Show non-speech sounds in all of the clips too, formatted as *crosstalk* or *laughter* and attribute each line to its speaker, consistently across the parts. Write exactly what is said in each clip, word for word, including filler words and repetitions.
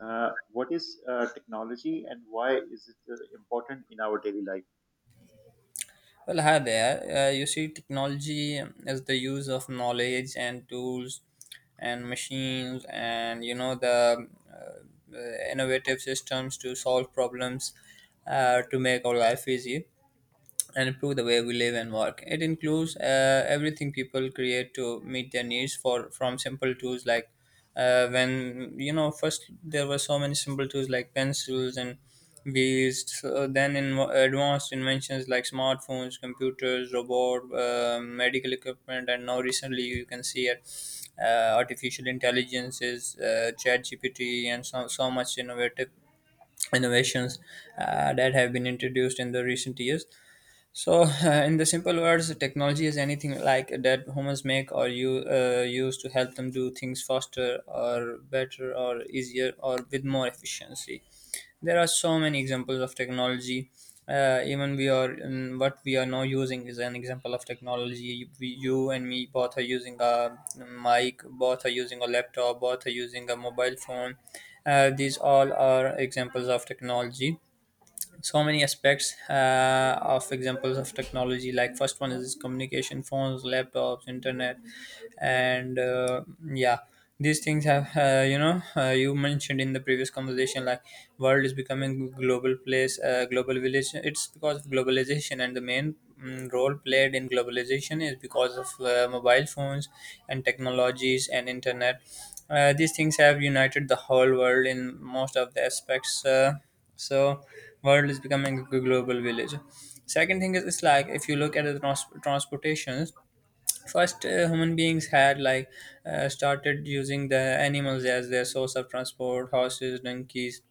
Speaker 1: Uh, what is uh, technology and why is it uh, important in our daily life?
Speaker 2: Well, hi there. Uh, you see, technology is the use of knowledge and tools and machines, and you know the uh, innovative systems to solve problems, uh, to make our life easy and improve the way we live and work. It includes uh, everything people create to meet their needs for from simple tools like, uh, when you know first there were so many simple tools like pencils and wheels. So then in mo- advanced inventions like smartphones, computers, robot, uh, medical equipment, and now recently you can see it. Uh, artificial intelligence is, uh, chat gpt, and so, so much innovative innovations uh, that have been introduced in the recent years, so, *laughs* in the simple words, technology is anything like that humans make or you uh, use to help them do things faster or better or easier or with more efficiency. There are so many examples of technology. Uh, even we are in what we are now using is an example of technology. We, you and me both are using a um, mic, both are using a laptop, both are using a mobile phone. Uh, these all are examples of technology, so many aspects uh, of examples of technology, like first one is communication, phones, laptops, internet, and uh, yeah, these things have, uh, you know uh, you mentioned in the previous conversation like world is becoming global place, uh, global village. It's because of globalization, and the main mm, role played in globalization is because of uh, mobile phones and technologies and internet. Uh, these things have united the whole world in most of the aspects, uh, so world is becoming a global village. Second thing is it's like if you look at the trans- transportations, first, uh, human beings had like, uh, started using the animals as their source of transport: horses, donkeys,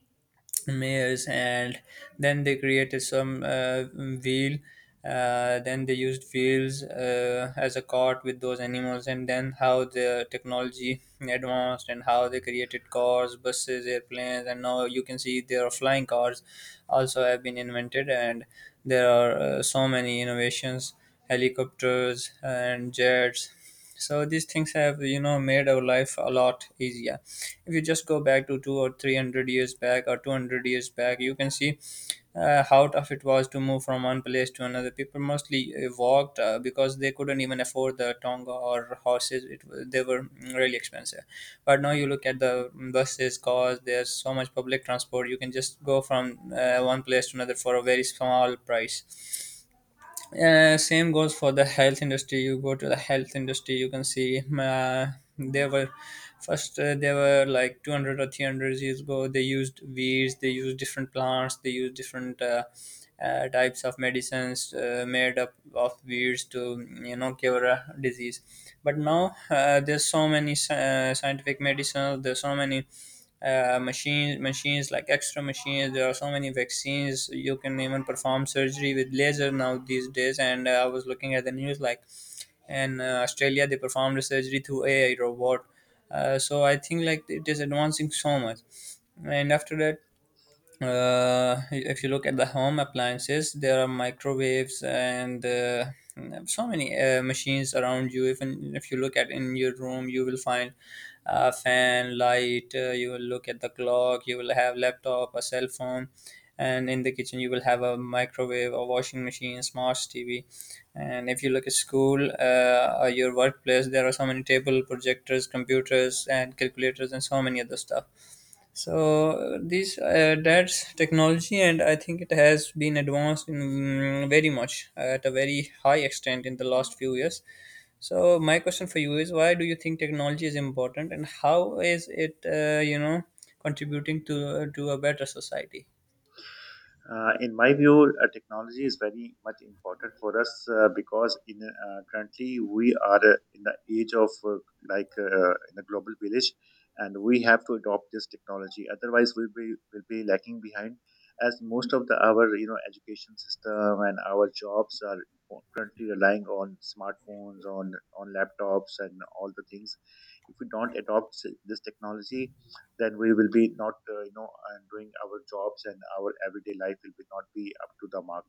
Speaker 2: mares, and then they created some, uh, wheel. Uh, then they used wheels uh, as a cart with those animals, and then how the technology advanced, and how they created cars, buses, airplanes, and now you can see there are flying cars also have been invented, and there are uh, so many innovations, helicopters, and jets. So these things have, you know made our life a lot easier. If you just go back to two or three hundred years back, or two hundred years back, you can see uh, how tough it was to move from one place to another. People mostly uh, walked uh, because they couldn't even afford the tonga or horses. It wa- they were really expensive, but now you look at the buses, cars, there's so much public transport, you can just go from uh, one place to another for a very small price. Uh, same goes for the health industry. You go to the health industry, you can see, uh, there were first, uh, there were like two hundred or three hundred years ago. They used weeds, they used different plants, they used different, uh, uh, types of medicines uh, made up of weeds to you know cure a disease. But now, uh, there's so many sci- uh, scientific medicines. There's so many uh, machines machines, like extra machines, there are so many vaccines, you can even perform surgery with laser now these days. And uh, I was looking at the news, like in uh, Australia they performed a surgery through AI robot, uh, so I think like it is advancing so much. And after that, uh, if you look at the home appliances, there are microwaves and uh, so many uh, machines around you. Even if you look at in your room, you will find a fan, light. Uh, you will look at the clock. You will have laptop, a cell phone, and in the kitchen you will have a microwave, a washing machine, smart T V. And if you look at school, uh, or your workplace, there are so many table, projectors, computers, and calculators, and so many other stuff, so this uh, that's technology, and I think it has been advanced in, mm, very much, uh, at a very high extent in the last few years. So my question for you is, why do you think technology is important, and how is it, uh, you know, contributing to to a better society?
Speaker 1: Uh, in my view, uh, technology is very much important for us uh, because in uh, currently we are uh, in the age of uh, like uh, in a global village, and we have to adopt this technology. Otherwise, we'll be will be lacking behind, as most of the our you know education system and our jobs are currently relying on smartphones, on on laptops, and all the things. If we don't adopt s- this technology, then we will be not uh, you know and doing our jobs, and our everyday life will be not be up to the mark,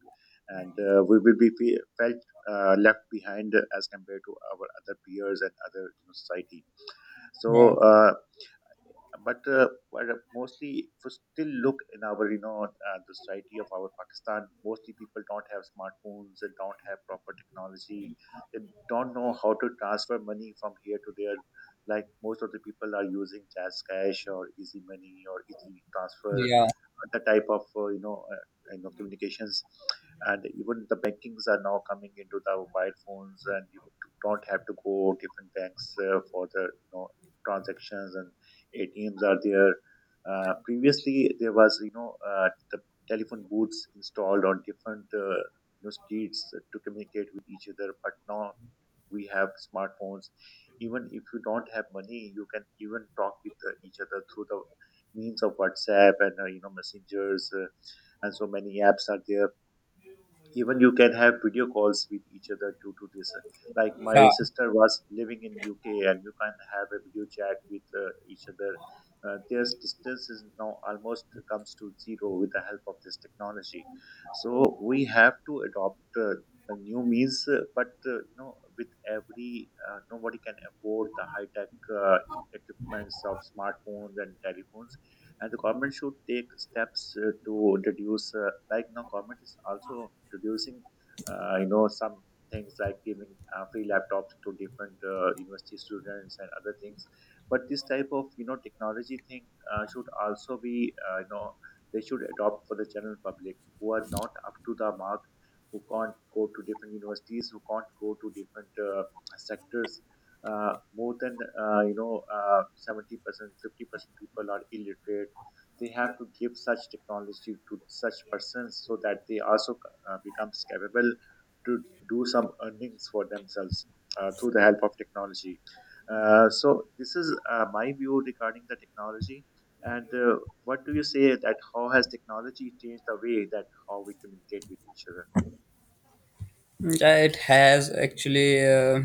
Speaker 1: and uh, we will be fe- felt uh, left behind as compared to our other peers and other, you know, society.
Speaker 2: Yeah,
Speaker 1: So uh, but uh, but uh, mostly, if you still look in our you know uh, the society of our Pakistan, mostly people don't have smartphones, they don't have proper technology. They don't know how to transfer money from here to there. Like, most of the people are using Jazz Cash or Easy Money or Easy Transfer,
Speaker 2: yeah,
Speaker 1: other type of uh, you know uh, kind of communications. And even the bankings are now coming into the mobile phones, and you don't have to go different banks uh, for the, you know transactions, and ATMs are there. Uh, previously, there was, you know uh, the telephone booths installed on different uh, you know, streets to communicate with each other. But now we have smartphones. Even if you don't have money, you can even talk with uh, each other through the means of WhatsApp and, uh, you know messengers, uh, and so many apps are there. Even you can have video calls with each other due to this. Like, my
Speaker 2: yeah.
Speaker 1: sister was living in UK, and you can have a video chat with uh, each other. Uh, their distance is now almost comes to zero with the help of this technology. So we have to adopt uh, the new means, uh, but uh, no with every uh, nobody can afford the high tech uh, equipments of smartphones and telephones. And the government should take steps uh, to reduce, uh, like, now government is also reducing uh, you know some things, like giving uh, free laptops to different uh, university students and other things. But this type of, you know technology thing uh, should also be, uh, you know they should adopt for the general public who are not up to the mark, who can't go to different universities, who can't go to different uh, sectors. Uh, more than uh, you know uh, seventy percent fifty percent people are illiterate. They have to give such technology to such persons so that they also uh, becomes capable to do some earnings for themselves uh, through the help of technology. Uh, so this is uh, my view regarding the technology. And uh, what do you say that how has technology changed the way that how we communicate with each other?
Speaker 2: Uh, It has actually, Uh,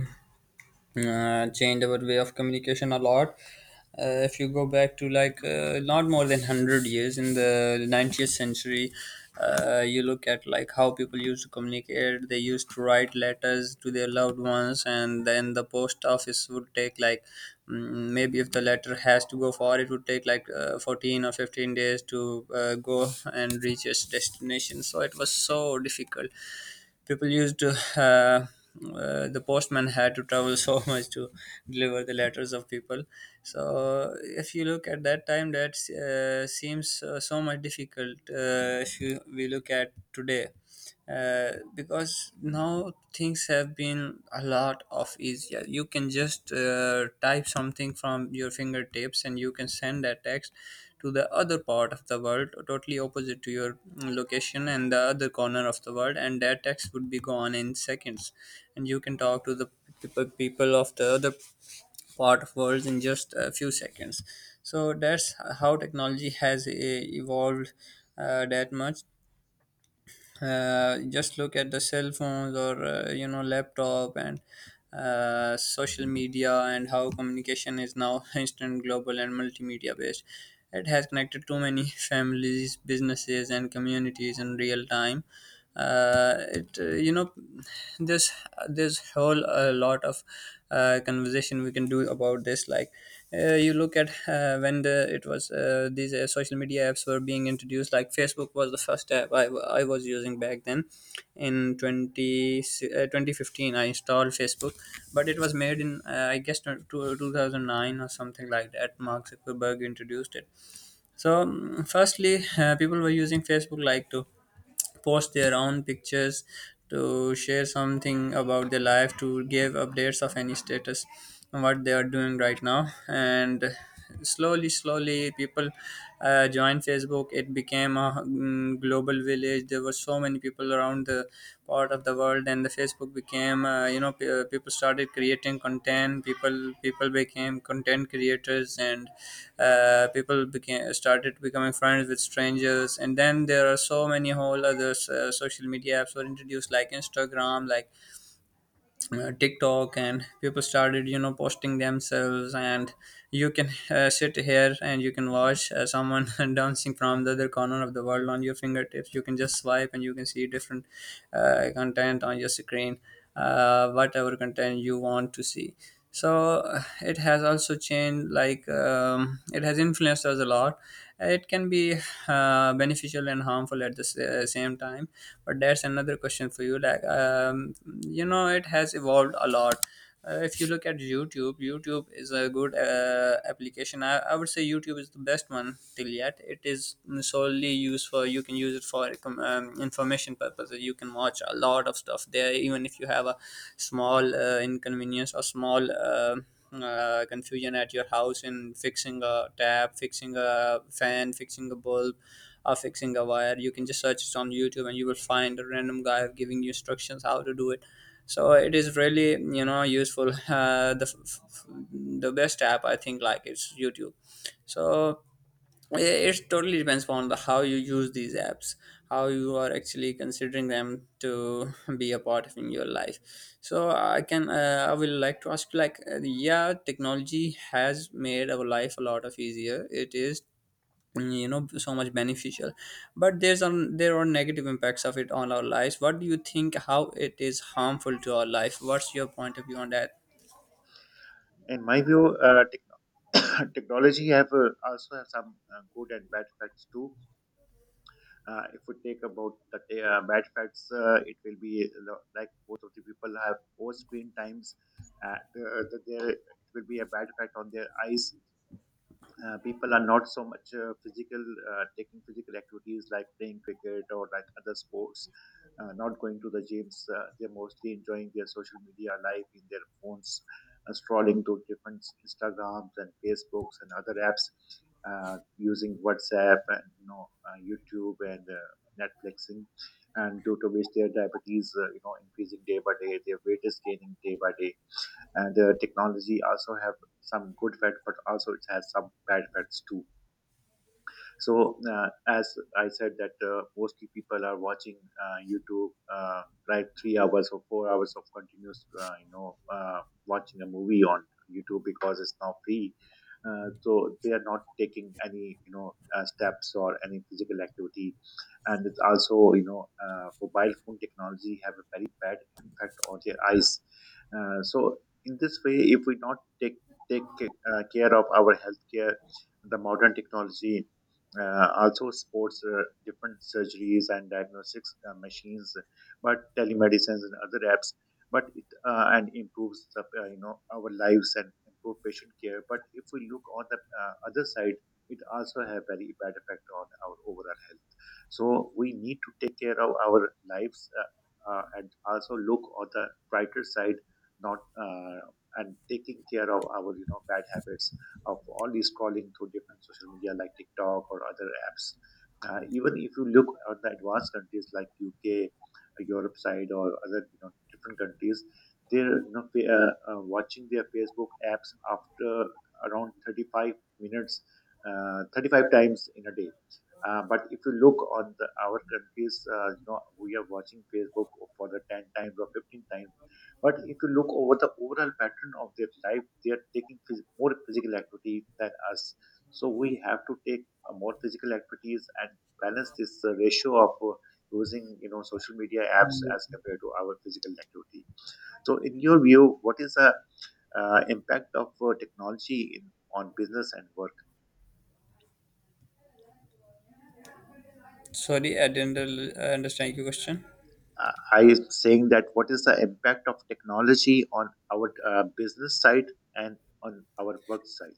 Speaker 2: uh, changed our way of communication a lot. Uh, if you go back to like, uh, not more than one hundred years in the twentieth century, uh, you look at like how people used to communicate. They used to write letters to their loved ones, and then the post office would take like, mm, maybe if the letter has to go far, it would take like uh, fourteen or fifteen days to uh, go and reach its destination. So it was so difficult, people used to, uh, uh, the postman had to travel so *laughs* much to deliver the letters of people. So if you look at that time that, uh, seems, uh, so much difficult, uh, if you, we look at today, uh, because now things have been a lot of easier, you can just uh, type something from your fingertips and you can send that text to the other part of the world, totally opposite to your, mm, location and the other corner of the world, and that text would be gone in seconds. And you can talk to the people people of the other part of worlds in just a few seconds. So that's how technology has uh, evolved uh, that much. Uh, just look at the cell phones, or uh, you know laptop, and uh, social media, and how communication is now *laughs* instant, global, and multimedia based. It has connected too many *laughs* families, businesses, and communities in real time. Uh, it uh, you know this this whole a lot of uh, conversation we can do about this, like, uh, you look at, uh, when the, it was, uh, these uh, social media apps were being introduced, like Facebook was the first app, I I was using back then in twenty, uh, twenty fifteen I installed Facebook. But it was made in, uh, I guess tw- two thousand nine or something like that, Mark Zuckerberg introduced it. So, mm, firstly, uh, people were using Facebook like to post their own pictures, to share something about their life, to give updates of any status, and what they are doing right now. And slowly, slowly, people, uh, joined Facebook. It became a, mm, global village village, there were so many people around the part of the world, and the Facebook became uh, you know pe- uh, people started creating content, people people became content creators, and uh, people became started becoming friends with strangers, and then there are so many whole other uh, social media apps were introduced, like Instagram, like uh, TikTok, and people started, you know, posting themselves. And you can uh, sit here and you can watch uh, someone *laughs* dancing from the other corner of the world on your fingertips. You can just swipe and you can see different uh, content on your screen, uh, whatever content you want to see. So uh, it has also changed, like, um, it has influenced us a lot. It can be uh, beneficial and harmful at the s- uh, same time, but that's another question for you, like, um, you know it has evolved a lot. Uh, if you look at YouTube, YouTube is a good uh, application. I, I would say YouTube is the best one till yet. It is solely used for, you can use it for, um, information purposes, you can watch a lot of stuff there. Even if you have a small, uh, inconvenience or small, um uh, confusion at your house in fixing a tap, fixing a fan, fixing a bulb, or fixing a wire, you can just search it on YouTube and you will find a random guy giving you instructions how to do it. So it is really, you know useful. *laughs* Uh, the f- f- the best app I think like is YouTube. So it it totally depends on the, how you use these apps, how you are actually considering them to *laughs* be a part of in your life. So I can, uh, I will like to ask you, like, uh, yeah, technology has made our life a lot of easier, it is, you know so much beneficial. But there's, um, there are negative impacts of it on our lives. What do you think, how it is harmful to our life, what's your point of view on that?
Speaker 1: In my view, uh, techno- *coughs* technology have uh, also have some uh, good and bad effects too. Uh, if we take about the ta- uh, bad facts, uh, it will be lo- like, both of the people have poor screen times. Uh, the, the, there it will be a bad effect on their eyes. Uh, people are not so much uh, physical uh, taking physical activities like playing cricket or like other sports, uh, not going to the gyms. Uh, they're mostly enjoying their social media life in their phones, uh, scrolling to different Instagrams and Facebooks and other apps, uh, using WhatsApp and, you know uh, YouTube and, uh, Netflixing. And due to which their diabetes uh, you know increasing day by day, their weight is gaining day by day. And uh, technology also have some good facts, but also it has some bad facts too. So uh, as I said that, uh, mostly people are watching uh, YouTube uh, like three hours or four hours of continuous, uh, you know, uh, watching a movie on YouTube because it's now free. Uh, so they are not taking any, you know, uh, steps or any physical activity, and it's also, you know, uh, mobile phone technology have a very bad impact on their eyes. Uh, so in this way, if we not take take uh, care of our healthcare, the modern technology uh, also sports uh, different surgeries and diagnostics uh, machines, but telemedicines and other apps. But it uh, and improves the, uh, you know our lives and improve patient care. But if we look on the uh, other side, it also have very bad effect on our overall health. So we need to take care of our lives, uh, uh, and also look on the brighter side, not uh, and taking care of our, you know bad habits of all these calling through different social media like TikTok or other apps. Uh, even if you look at the advanced countries like U K, Europe side, or other, you know different countries, they're, you know fa- uh, uh, watching their Facebook apps after around thirty-five minutes, uh, thirty-five times in a day. Uh, but if you look on the, our countries, uh, you know, we are watching Facebook for the ten times or fifteen times. But if you look over the overall pattern of their life, they are taking phys- more physical activity than us. So we have to take uh, more physical activities and balance this uh, ratio of, uh, using, you know social media apps as compared to our physical activity. So in your view, what is the uh, impact of uh, technology in, on business and work?
Speaker 2: Sorry I didn't uh, understand your question.
Speaker 1: Uh, I am saying that what is the impact of technology on our uh, business side and on our work side?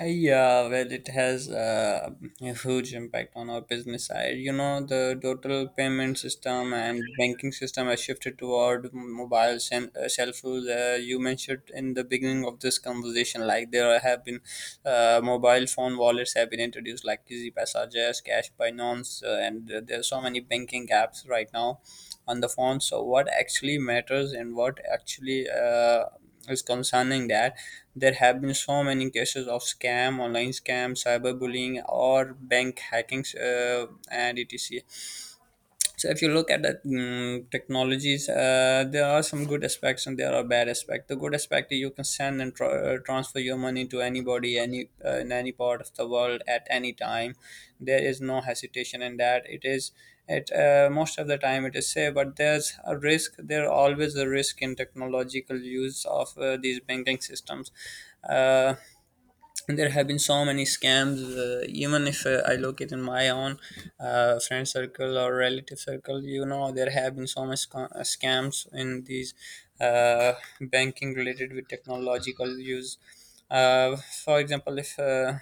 Speaker 2: Yeah, well, it has uh, a huge impact on our business side. You know, the total payment system and banking system has shifted toward mobile sen- uh, cell phones. Uh, you mentioned in the beginning of this conversation, like there have been uh, mobile phone wallets have been introduced, like Easy Passages, Cash by Nonce, uh, and uh, there are so many banking apps right now on the phone. So what actually matters and what actually uh, is concerning that there have been so many cases of scam, online scam, cyberbullying, or bank hackings, uh, and etc. So if you look at the mm, technologies, uh, there are some good aspects and there are bad aspects. The good aspect is you can send and tra- uh, transfer your money to anybody, any uh, in any part of the world at any time. There is no hesitation in that. It is it uh, most of the time, it is safe, but there's a risk. There are always a risk in technological use of uh, these banking systems. Uh, there have been so many scams, uh, even if uh, I look it in my own uh, friend circle or relative circle, you know, there have been so much sc- uh, scams in these uh, banking related with technological use. uh, for example, if uh,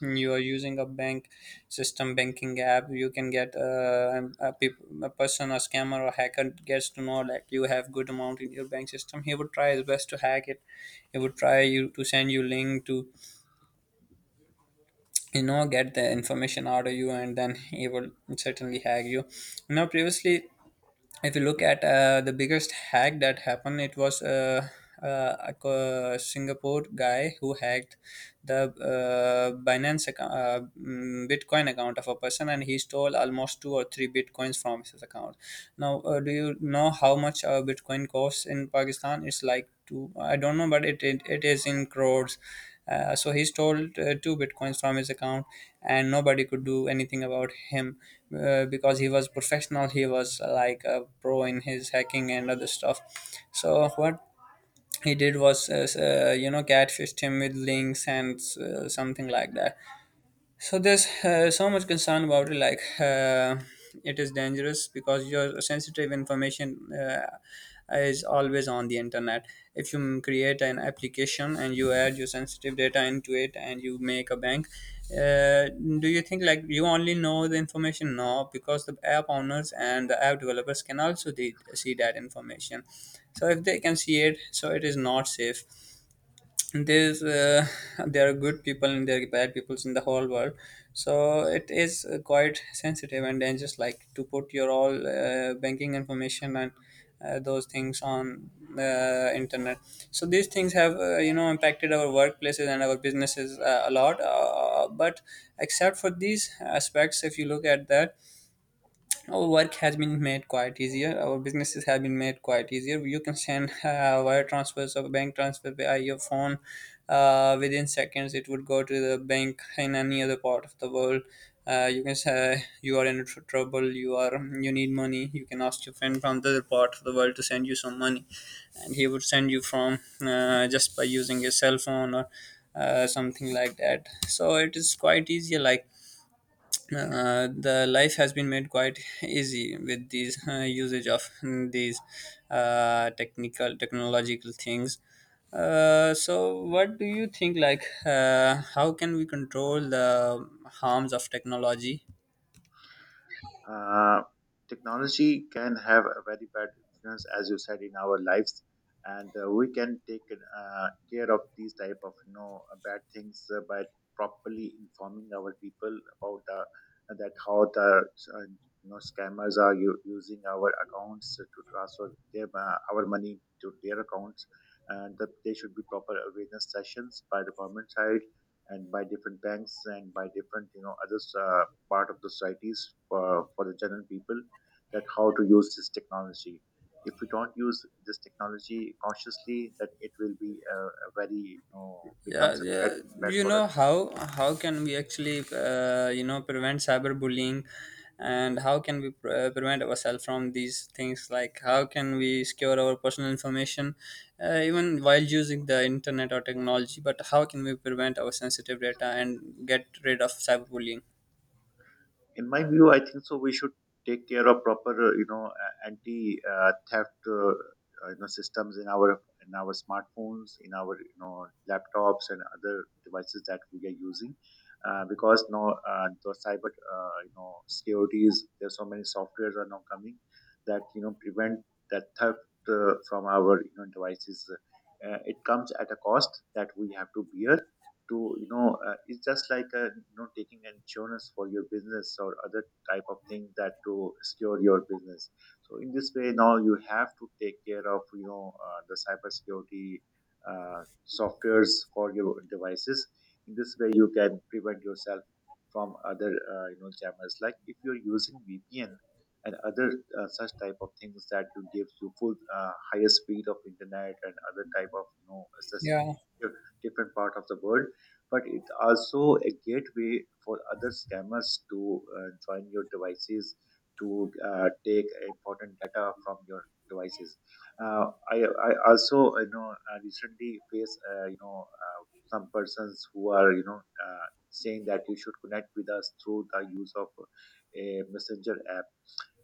Speaker 2: you are using a bank system, banking app, you can get uh, a, peop a person, a scammer or hacker, gets to know that you have good amount in your bank system. He would try his best to hack it. He would try you to send you link to, you know, get the information out of you, and then he will certainly hack you. Now, previously, if you look at uh, the biggest hack that happened, it was uh, uh, a co- Singapore guy who hacked the uh, Binance account, uh, mm, Bitcoin account of a person, and he stole almost two or three Bitcoins from his account. Now, uh, do you know how much a Bitcoin costs in Pakistan? It's like two. I don't know, but it it, it is in crores. Uh, so he stole uh, two bitcoins from his account, and nobody could do anything about him uh, because he was professional. He was uh, like a pro in his hacking and other stuff. So what he did was uh, uh, you know, catfished him with links and uh, something like that. So there's uh, so much concern about it. Like, uh, it is dangerous because your sensitive information uh, is always on the internet. If you create an application and you add your sensitive data into it and you make a bank, uh, do you think like you only know the information? No, because the app owners and the app developers can also de- see that information. So if they can see it, so it is not safe. There's uh, *laughs* there are good people and there are bad peoples in the whole world. So it is uh, quite sensitive and dangerous, like, to put your all uh, banking information and uh, those things on the internet. So these things have uh, you know, impacted our workplaces and our businesses uh, a lot, uh, but except for these aspects, if you look at that, our work has been made quite easier. Our businesses have been made quite easier. You can send *laughs* uh, wire transfers or bank transfer via your phone. Uh, within seconds, it would go to the bank in any other part of the world. Uh, you can say you are in tr- trouble. You are you need money. You can ask your friend from the other part of the world to send you some money, and he would send you from uh, just by using your cell phone or uh, something like that. So it is quite easy. Like, uh, the life has been made quite easy with these uh, usage of *laughs* these uh, technical technological things. Uh, so what do you think, like, uh, how can we control the harms of technology?
Speaker 1: Uh, Technology can have a very bad influence, as you said, in our lives. And uh, we can take uh, care of these type of, you know uh, bad things uh, by properly informing our people about the that how the uh, you know scammers are u- using our accounts to transfer their, uh, our money to their accounts, and that there should be proper awareness sessions by the government side and by different banks and by different, you know others. Uh, part of the societies for, for the general people that how to use this technology. If we don't use this technology consciously, that it will be a, a very, you know
Speaker 2: Yeah,
Speaker 1: becomes a
Speaker 2: yeah,
Speaker 1: bad bad
Speaker 2: you
Speaker 1: for
Speaker 2: know,
Speaker 1: us.
Speaker 2: how how can we actually uh, you know, prevent cyberbullying, and how can we pre- uh, prevent ourselves from these things? Like, how can we secure our personal information, uh, even while using the internet or technology? But how can we prevent our sensitive data and get rid of cyberbullying?
Speaker 1: In my view, I think so we should take care of proper, uh, you know anti uh, theft, uh, uh, you know systems in our in our smartphones, in our, you know laptops and other devices that we are using. Uh, because now uh, the cyber, uh, you know securities, there's so many softwares are now coming that, you know prevent that theft uh, from our, you know devices. Uh, it comes at a cost that we have to bear to, you know uh, it's just like a, you know taking an insurance for your business or other type of thing, that to secure your business. So in this way, now you have to take care of, you know uh, the cybersecurity uh, softwares for your devices. In this way, you can prevent yourself from other, uh, you know jammers. Like if you're using VPN and other uh, such type of things, that you gives you full uh, higher speed of internet and other type of, you know accessing
Speaker 2: Yeah.
Speaker 1: di- different part of the world. But it also a gateway for other scammers to uh, join your devices, to uh, take important data from your devices. Uh, I, I also, you know uh, recently face, uh, you know uh, some persons who are, you know uh, saying that you should connect with us through the use of a messenger app.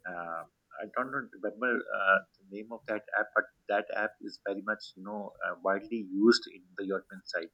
Speaker 1: Uh, I don't know- remember uh, the name of that app, but that app is very much, you know uh, widely used in the European side.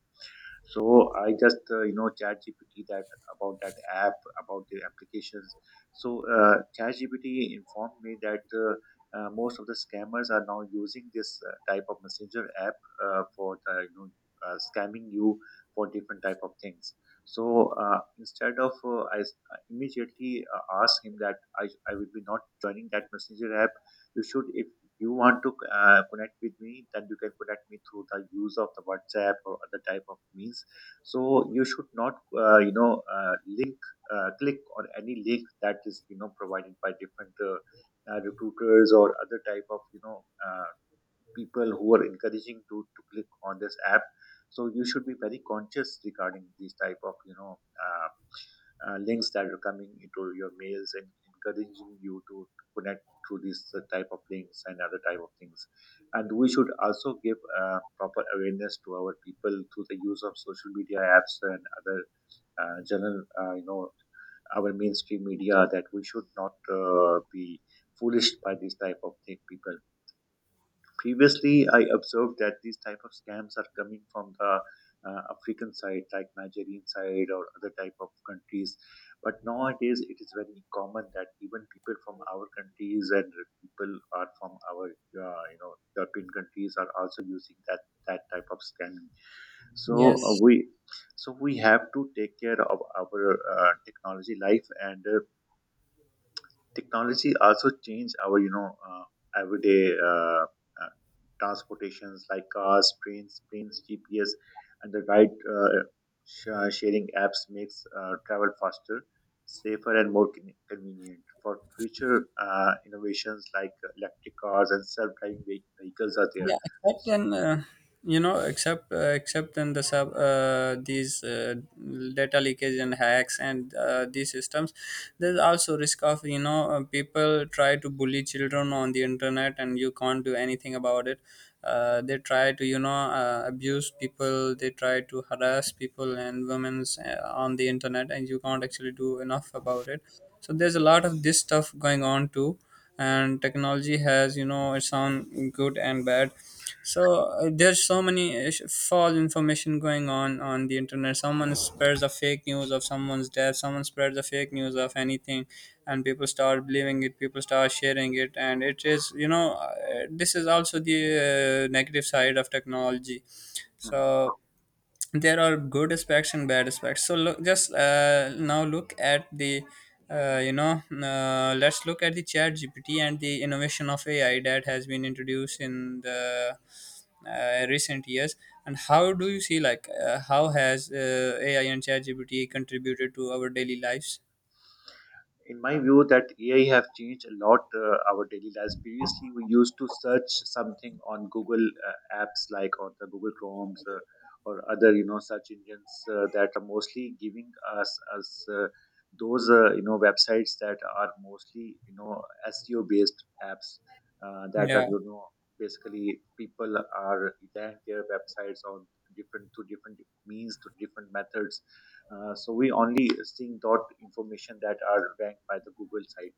Speaker 1: So I just, uh, you know ChatGPT that about that app, about the applications. So uh, ChatGPT informed me that uh, uh, most of the scammers are now using this uh, type of messenger app uh, for the, you know uh, scamming you for different type of things. So uh, instead of uh, I s- I immediately uh, asked him that I, I will be not joining that messenger app. You should, if if you want to uh, connect with me, then you can connect me through the use of the WhatsApp or other type of means. So you should not, uh, you know, uh, link, uh, click on any link that is, you know, provided by different uh, uh, recruiters or other type of, you know, uh, people who are encouraging to, to click on this app, so you should be very conscious regarding these type of, you know uh, uh, links that are coming into your mails and encouraging you to connect through these uh, type of links and other type of things. And we should also give uh, proper awareness to our people through the use of social media apps and other uh, general, uh, you know our mainstream media, that we should not uh, be foolish by these type of thing people. Previously, I observed that these type of scams are coming from the uh, African side, like Nigerian side or other type of countries. But nowadays, it is very common that even people from our countries and people are from our uh, you know European countries are also using that that type of scamming. So uh,
Speaker 2: Yes.
Speaker 1: we so we have to take care of our uh, technology life. And. Uh, technology also changed our, you know uh, everyday, uh, uh, transportations, like cars, trains, planes, G P S, and the right, uh, sh- uh, sharing apps, makes uh, travel faster, safer and more con- convenient. For future uh, innovations like electric cars and self-driving ve- vehicles are there.
Speaker 2: Yeah, except in uh, you know, except uh, except in the sub uh, these uh, data leakage and hacks and uh, these systems, there's also risk of, you know, uh, people try to bully children on the internet and you can't do anything about it. Uh, they try to, you know, uh, abuse people. They try to harass people and women's uh, on the internet, and you can't actually do enough about it. So there's a lot of this stuff going on too. And technology has, you know, its own good and bad. So uh, there's so many ish- false information going on on the internet. Someone spreads a fake news of someone's death, someone spreads a fake news of anything, and people start believing it, people start sharing it, and it is, you know, uh, this is also the uh, negative side of technology.
Speaker 1: Hmm.
Speaker 2: So there are good aspects and bad aspects. So look, just uh, now look at the uh, you know uh, let's look at the chat gpt and the innovation of ai that has been introduced in the uh, recent years. And how do you see, like, uh, how has uh, ai and chat gpt contributed to our daily lives?
Speaker 1: In my view, that AI have changed a lot uh, our daily lives. Previously, we used to search something on Google, uh, apps like on the Google Chromes, uh, or other, you know, search engines, uh, that are mostly giving us us uh, those, uh, you know, websites that are mostly, you know, S E O based apps, uh, that
Speaker 2: yeah
Speaker 1: are, you know, basically people are rank their websites on different to different means, to different methods. Uh, so we only seeing dot information that are ranked by the Google site.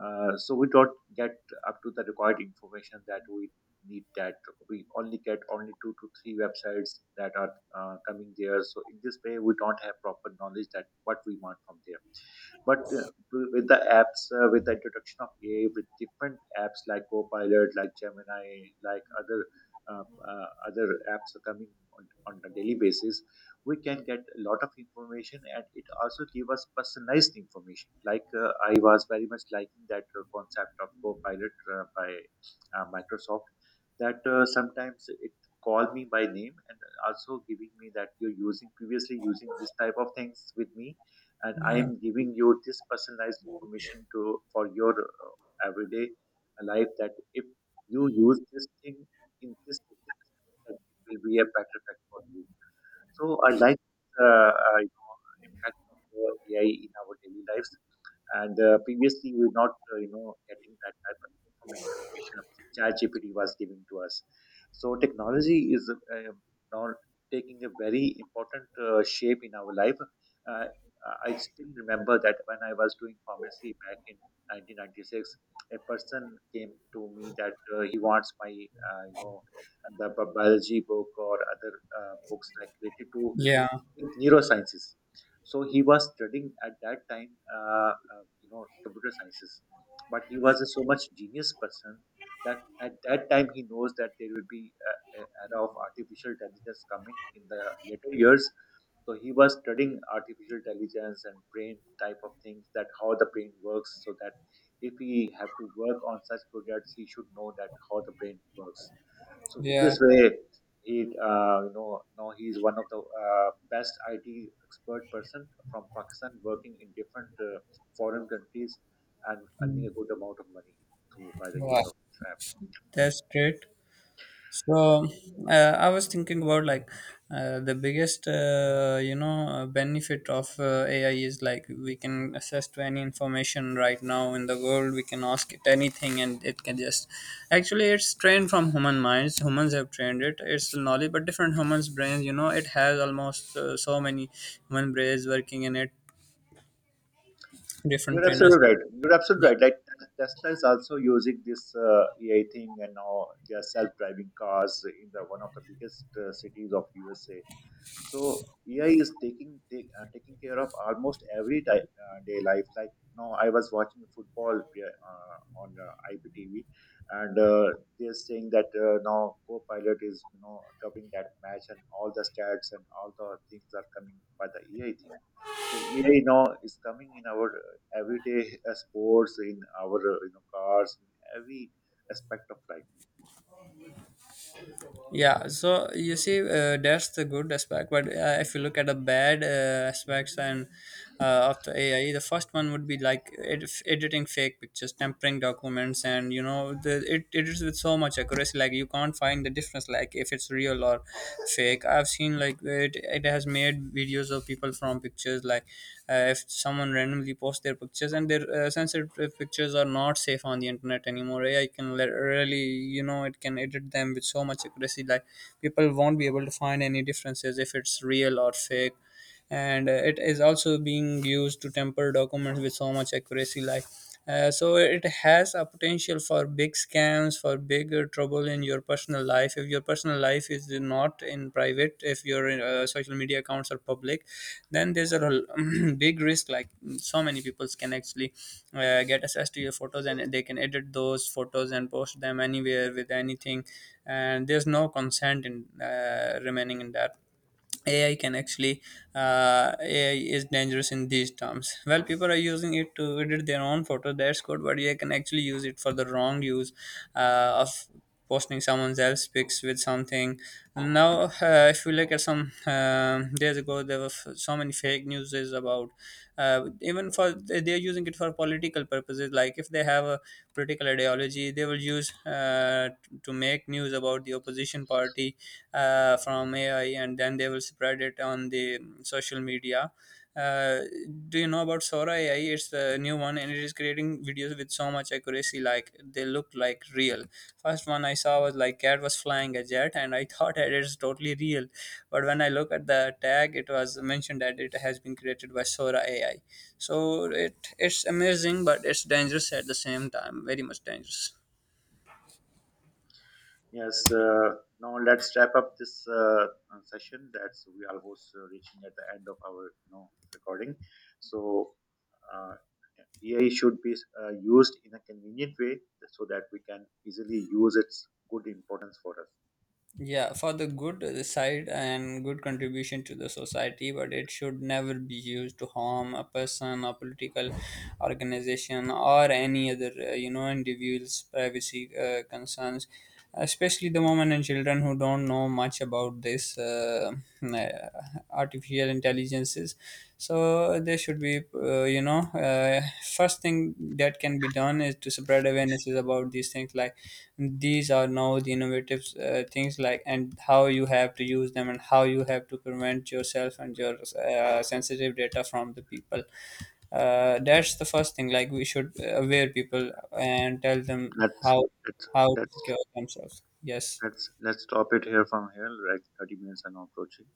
Speaker 1: Uh, so we don't get up to the required information that we need. That we only get only two to three websites that are uh, coming there. So in this way, we don't have proper knowledge that what we want from there. But uh, With the apps, uh, with the introduction of A I, with different apps like Copilot, like Gemini, like other, uh, uh, other apps are coming on, on a daily basis, we can get a lot of information, and it also give us personalized information. Like uh, I was very much liking that uh, concept of Copilot uh, by uh, Microsoft, that uh, sometimes it call me by name and also giving me that you're using previously using this type of things with me, and I
Speaker 2: yeah
Speaker 1: am giving you this personalized information to for your uh, everyday life, that if you use this thing in this, it will be a better effect for you. So I like, uh, uh, you know, impact of uh, A I in our daily lives. And uh, previously, we were not, uh, you know getting that type of information uh, ChatGPT was giving to us. So technology is uh, now taking a very important uh, shape in our life. Uh, I still remember that when I was doing pharmacy back in nineteen ninety-six, a person came to me that uh, he wants my, uh, you know the bi- biology book or other uh, books like related to
Speaker 2: yeah
Speaker 1: neurosciences. So he was studying at that time, uh, uh, you know, computer sciences. But he was a so much genius person that at that time he knows that there will be a, a era of artificial intelligence coming in the later years. So he was studying artificial intelligence and brain type of things, that how the brain works, so that if we have to work on such projects, he should know that how the brain works. So in
Speaker 2: yeah
Speaker 1: this way, he, uh, you know now he is one of the uh, best I T expert person from Pakistan, working in different uh, foreign countries and earning
Speaker 2: Mm.
Speaker 1: a good amount of money through by the
Speaker 2: Wow,
Speaker 1: use of this app.
Speaker 2: that's great. So uh, I was thinking about, like, uh, the biggest uh, you know uh, benefit of uh, A I is, like, we can access to any information right now in the world. We can ask it anything, and it can just, actually, it's trained from human minds. Humans have trained it. It's knowledge, but different humans' brains. You know, it has almost uh, so many human brains working in it. Different
Speaker 1: You're
Speaker 2: trainers.
Speaker 1: absolutely right. You're
Speaker 2: Yeah.
Speaker 1: absolutely right. Like Tesla is also using this uh, A I thing, and now they are self-driving cars in the one of the biggest uh, cities of U S A. So A I is taking take, uh, taking care of almost every di- uh, day life. Like no, I was watching football uh, on uh, I P T V, and uh, they're saying that uh, now co-pilot is, you know, covering that match, and all the stats and all the things are coming by the A I thing. So A I now is coming in our uh, everyday, uh, sports, in our, uh, you know cars, in every aspect of life.
Speaker 2: Yeah, so you see, uh, that's the good aspect, but uh, if you look at the bad uh, aspects and uh, of the ai, the first one would be, like, ed- editing fake pictures, tampering documents, and, you know, the, it, it is with so much accuracy, like, you can't find the difference, like, if it's real or fake. I've seen, like, it, it has made videos of people from pictures, like, uh, if someone randomly posts their pictures and their uh, sensitive pictures are not safe on the internet anymore. Ai can let, really, you know, it can edit them with so much accuracy, like, people won't be able to find any differences if it's real or fake. And uh, it is also being used to temper documents with so much accuracy, like, uh, so it has a potential for big scams, for bigger trouble in your personal life. If your personal life is not in private, if your uh, social media accounts are public, then there's a *clears throat* big risk. Like, so many people can actually uh, get access to your photos and they can edit those photos and post them anywhere with anything, and there's no consent in uh, remaining in that. A I can actually, uh, A I is dangerous in these terms. Well, people are using it to edit their own photo. That's good, but A I can actually use it for the wrong use uh, of posting someone else's pics with something. Now, uh, if you look at some um days ago, there were f- so many fake news about, uh, even, for they are using it for political purposes. Like, if they have a political ideology, they will use uh, to make news about the opposition opposition party uh, from A I, and then they will spread it on the social media. Uh, do you know about Sora A I? It's the new one, and it is creating videos with so much accuracy, like, they look like real. First one I saw was like cat was flying a jet, and I *laughs* thought it is totally real. But when I look at the tag, it was mentioned that it has been created by Sora A I. So it it's amazing, but it's dangerous at the same time. Very much dangerous.
Speaker 1: Yes, uh, now let's wrap up this, uh, uh, session. That's we are almost uh, reaching at the end of our, you know, recording. So uh, A I should be uh, used in a convenient way so that we can easily use its good importance for us.
Speaker 2: Yeah, for the good side and good contribution to the society, but it should never be used to harm a person, a political organization, or any other, uh, you know, individuals privacy uh, concerns, especially the women and children who don't know much about this, uh, uh, artificial intelligences. So there should be uh, you know, uh, first thing that can be done is to spread awarenesses about these things. Like, these are now the innovative uh, things, like, and how you have to use them and how you have to prevent yourself and your uh, sensitive data from the people. Uh, that's the first thing, like, we should aware people and tell them
Speaker 1: Let's
Speaker 2: how
Speaker 1: let's
Speaker 2: how to
Speaker 1: let's
Speaker 2: secure themselves. Yes.
Speaker 1: let's let's stop it here from here. Like thirty minutes are now approaching.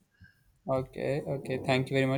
Speaker 2: Okay, okay, thank you very much.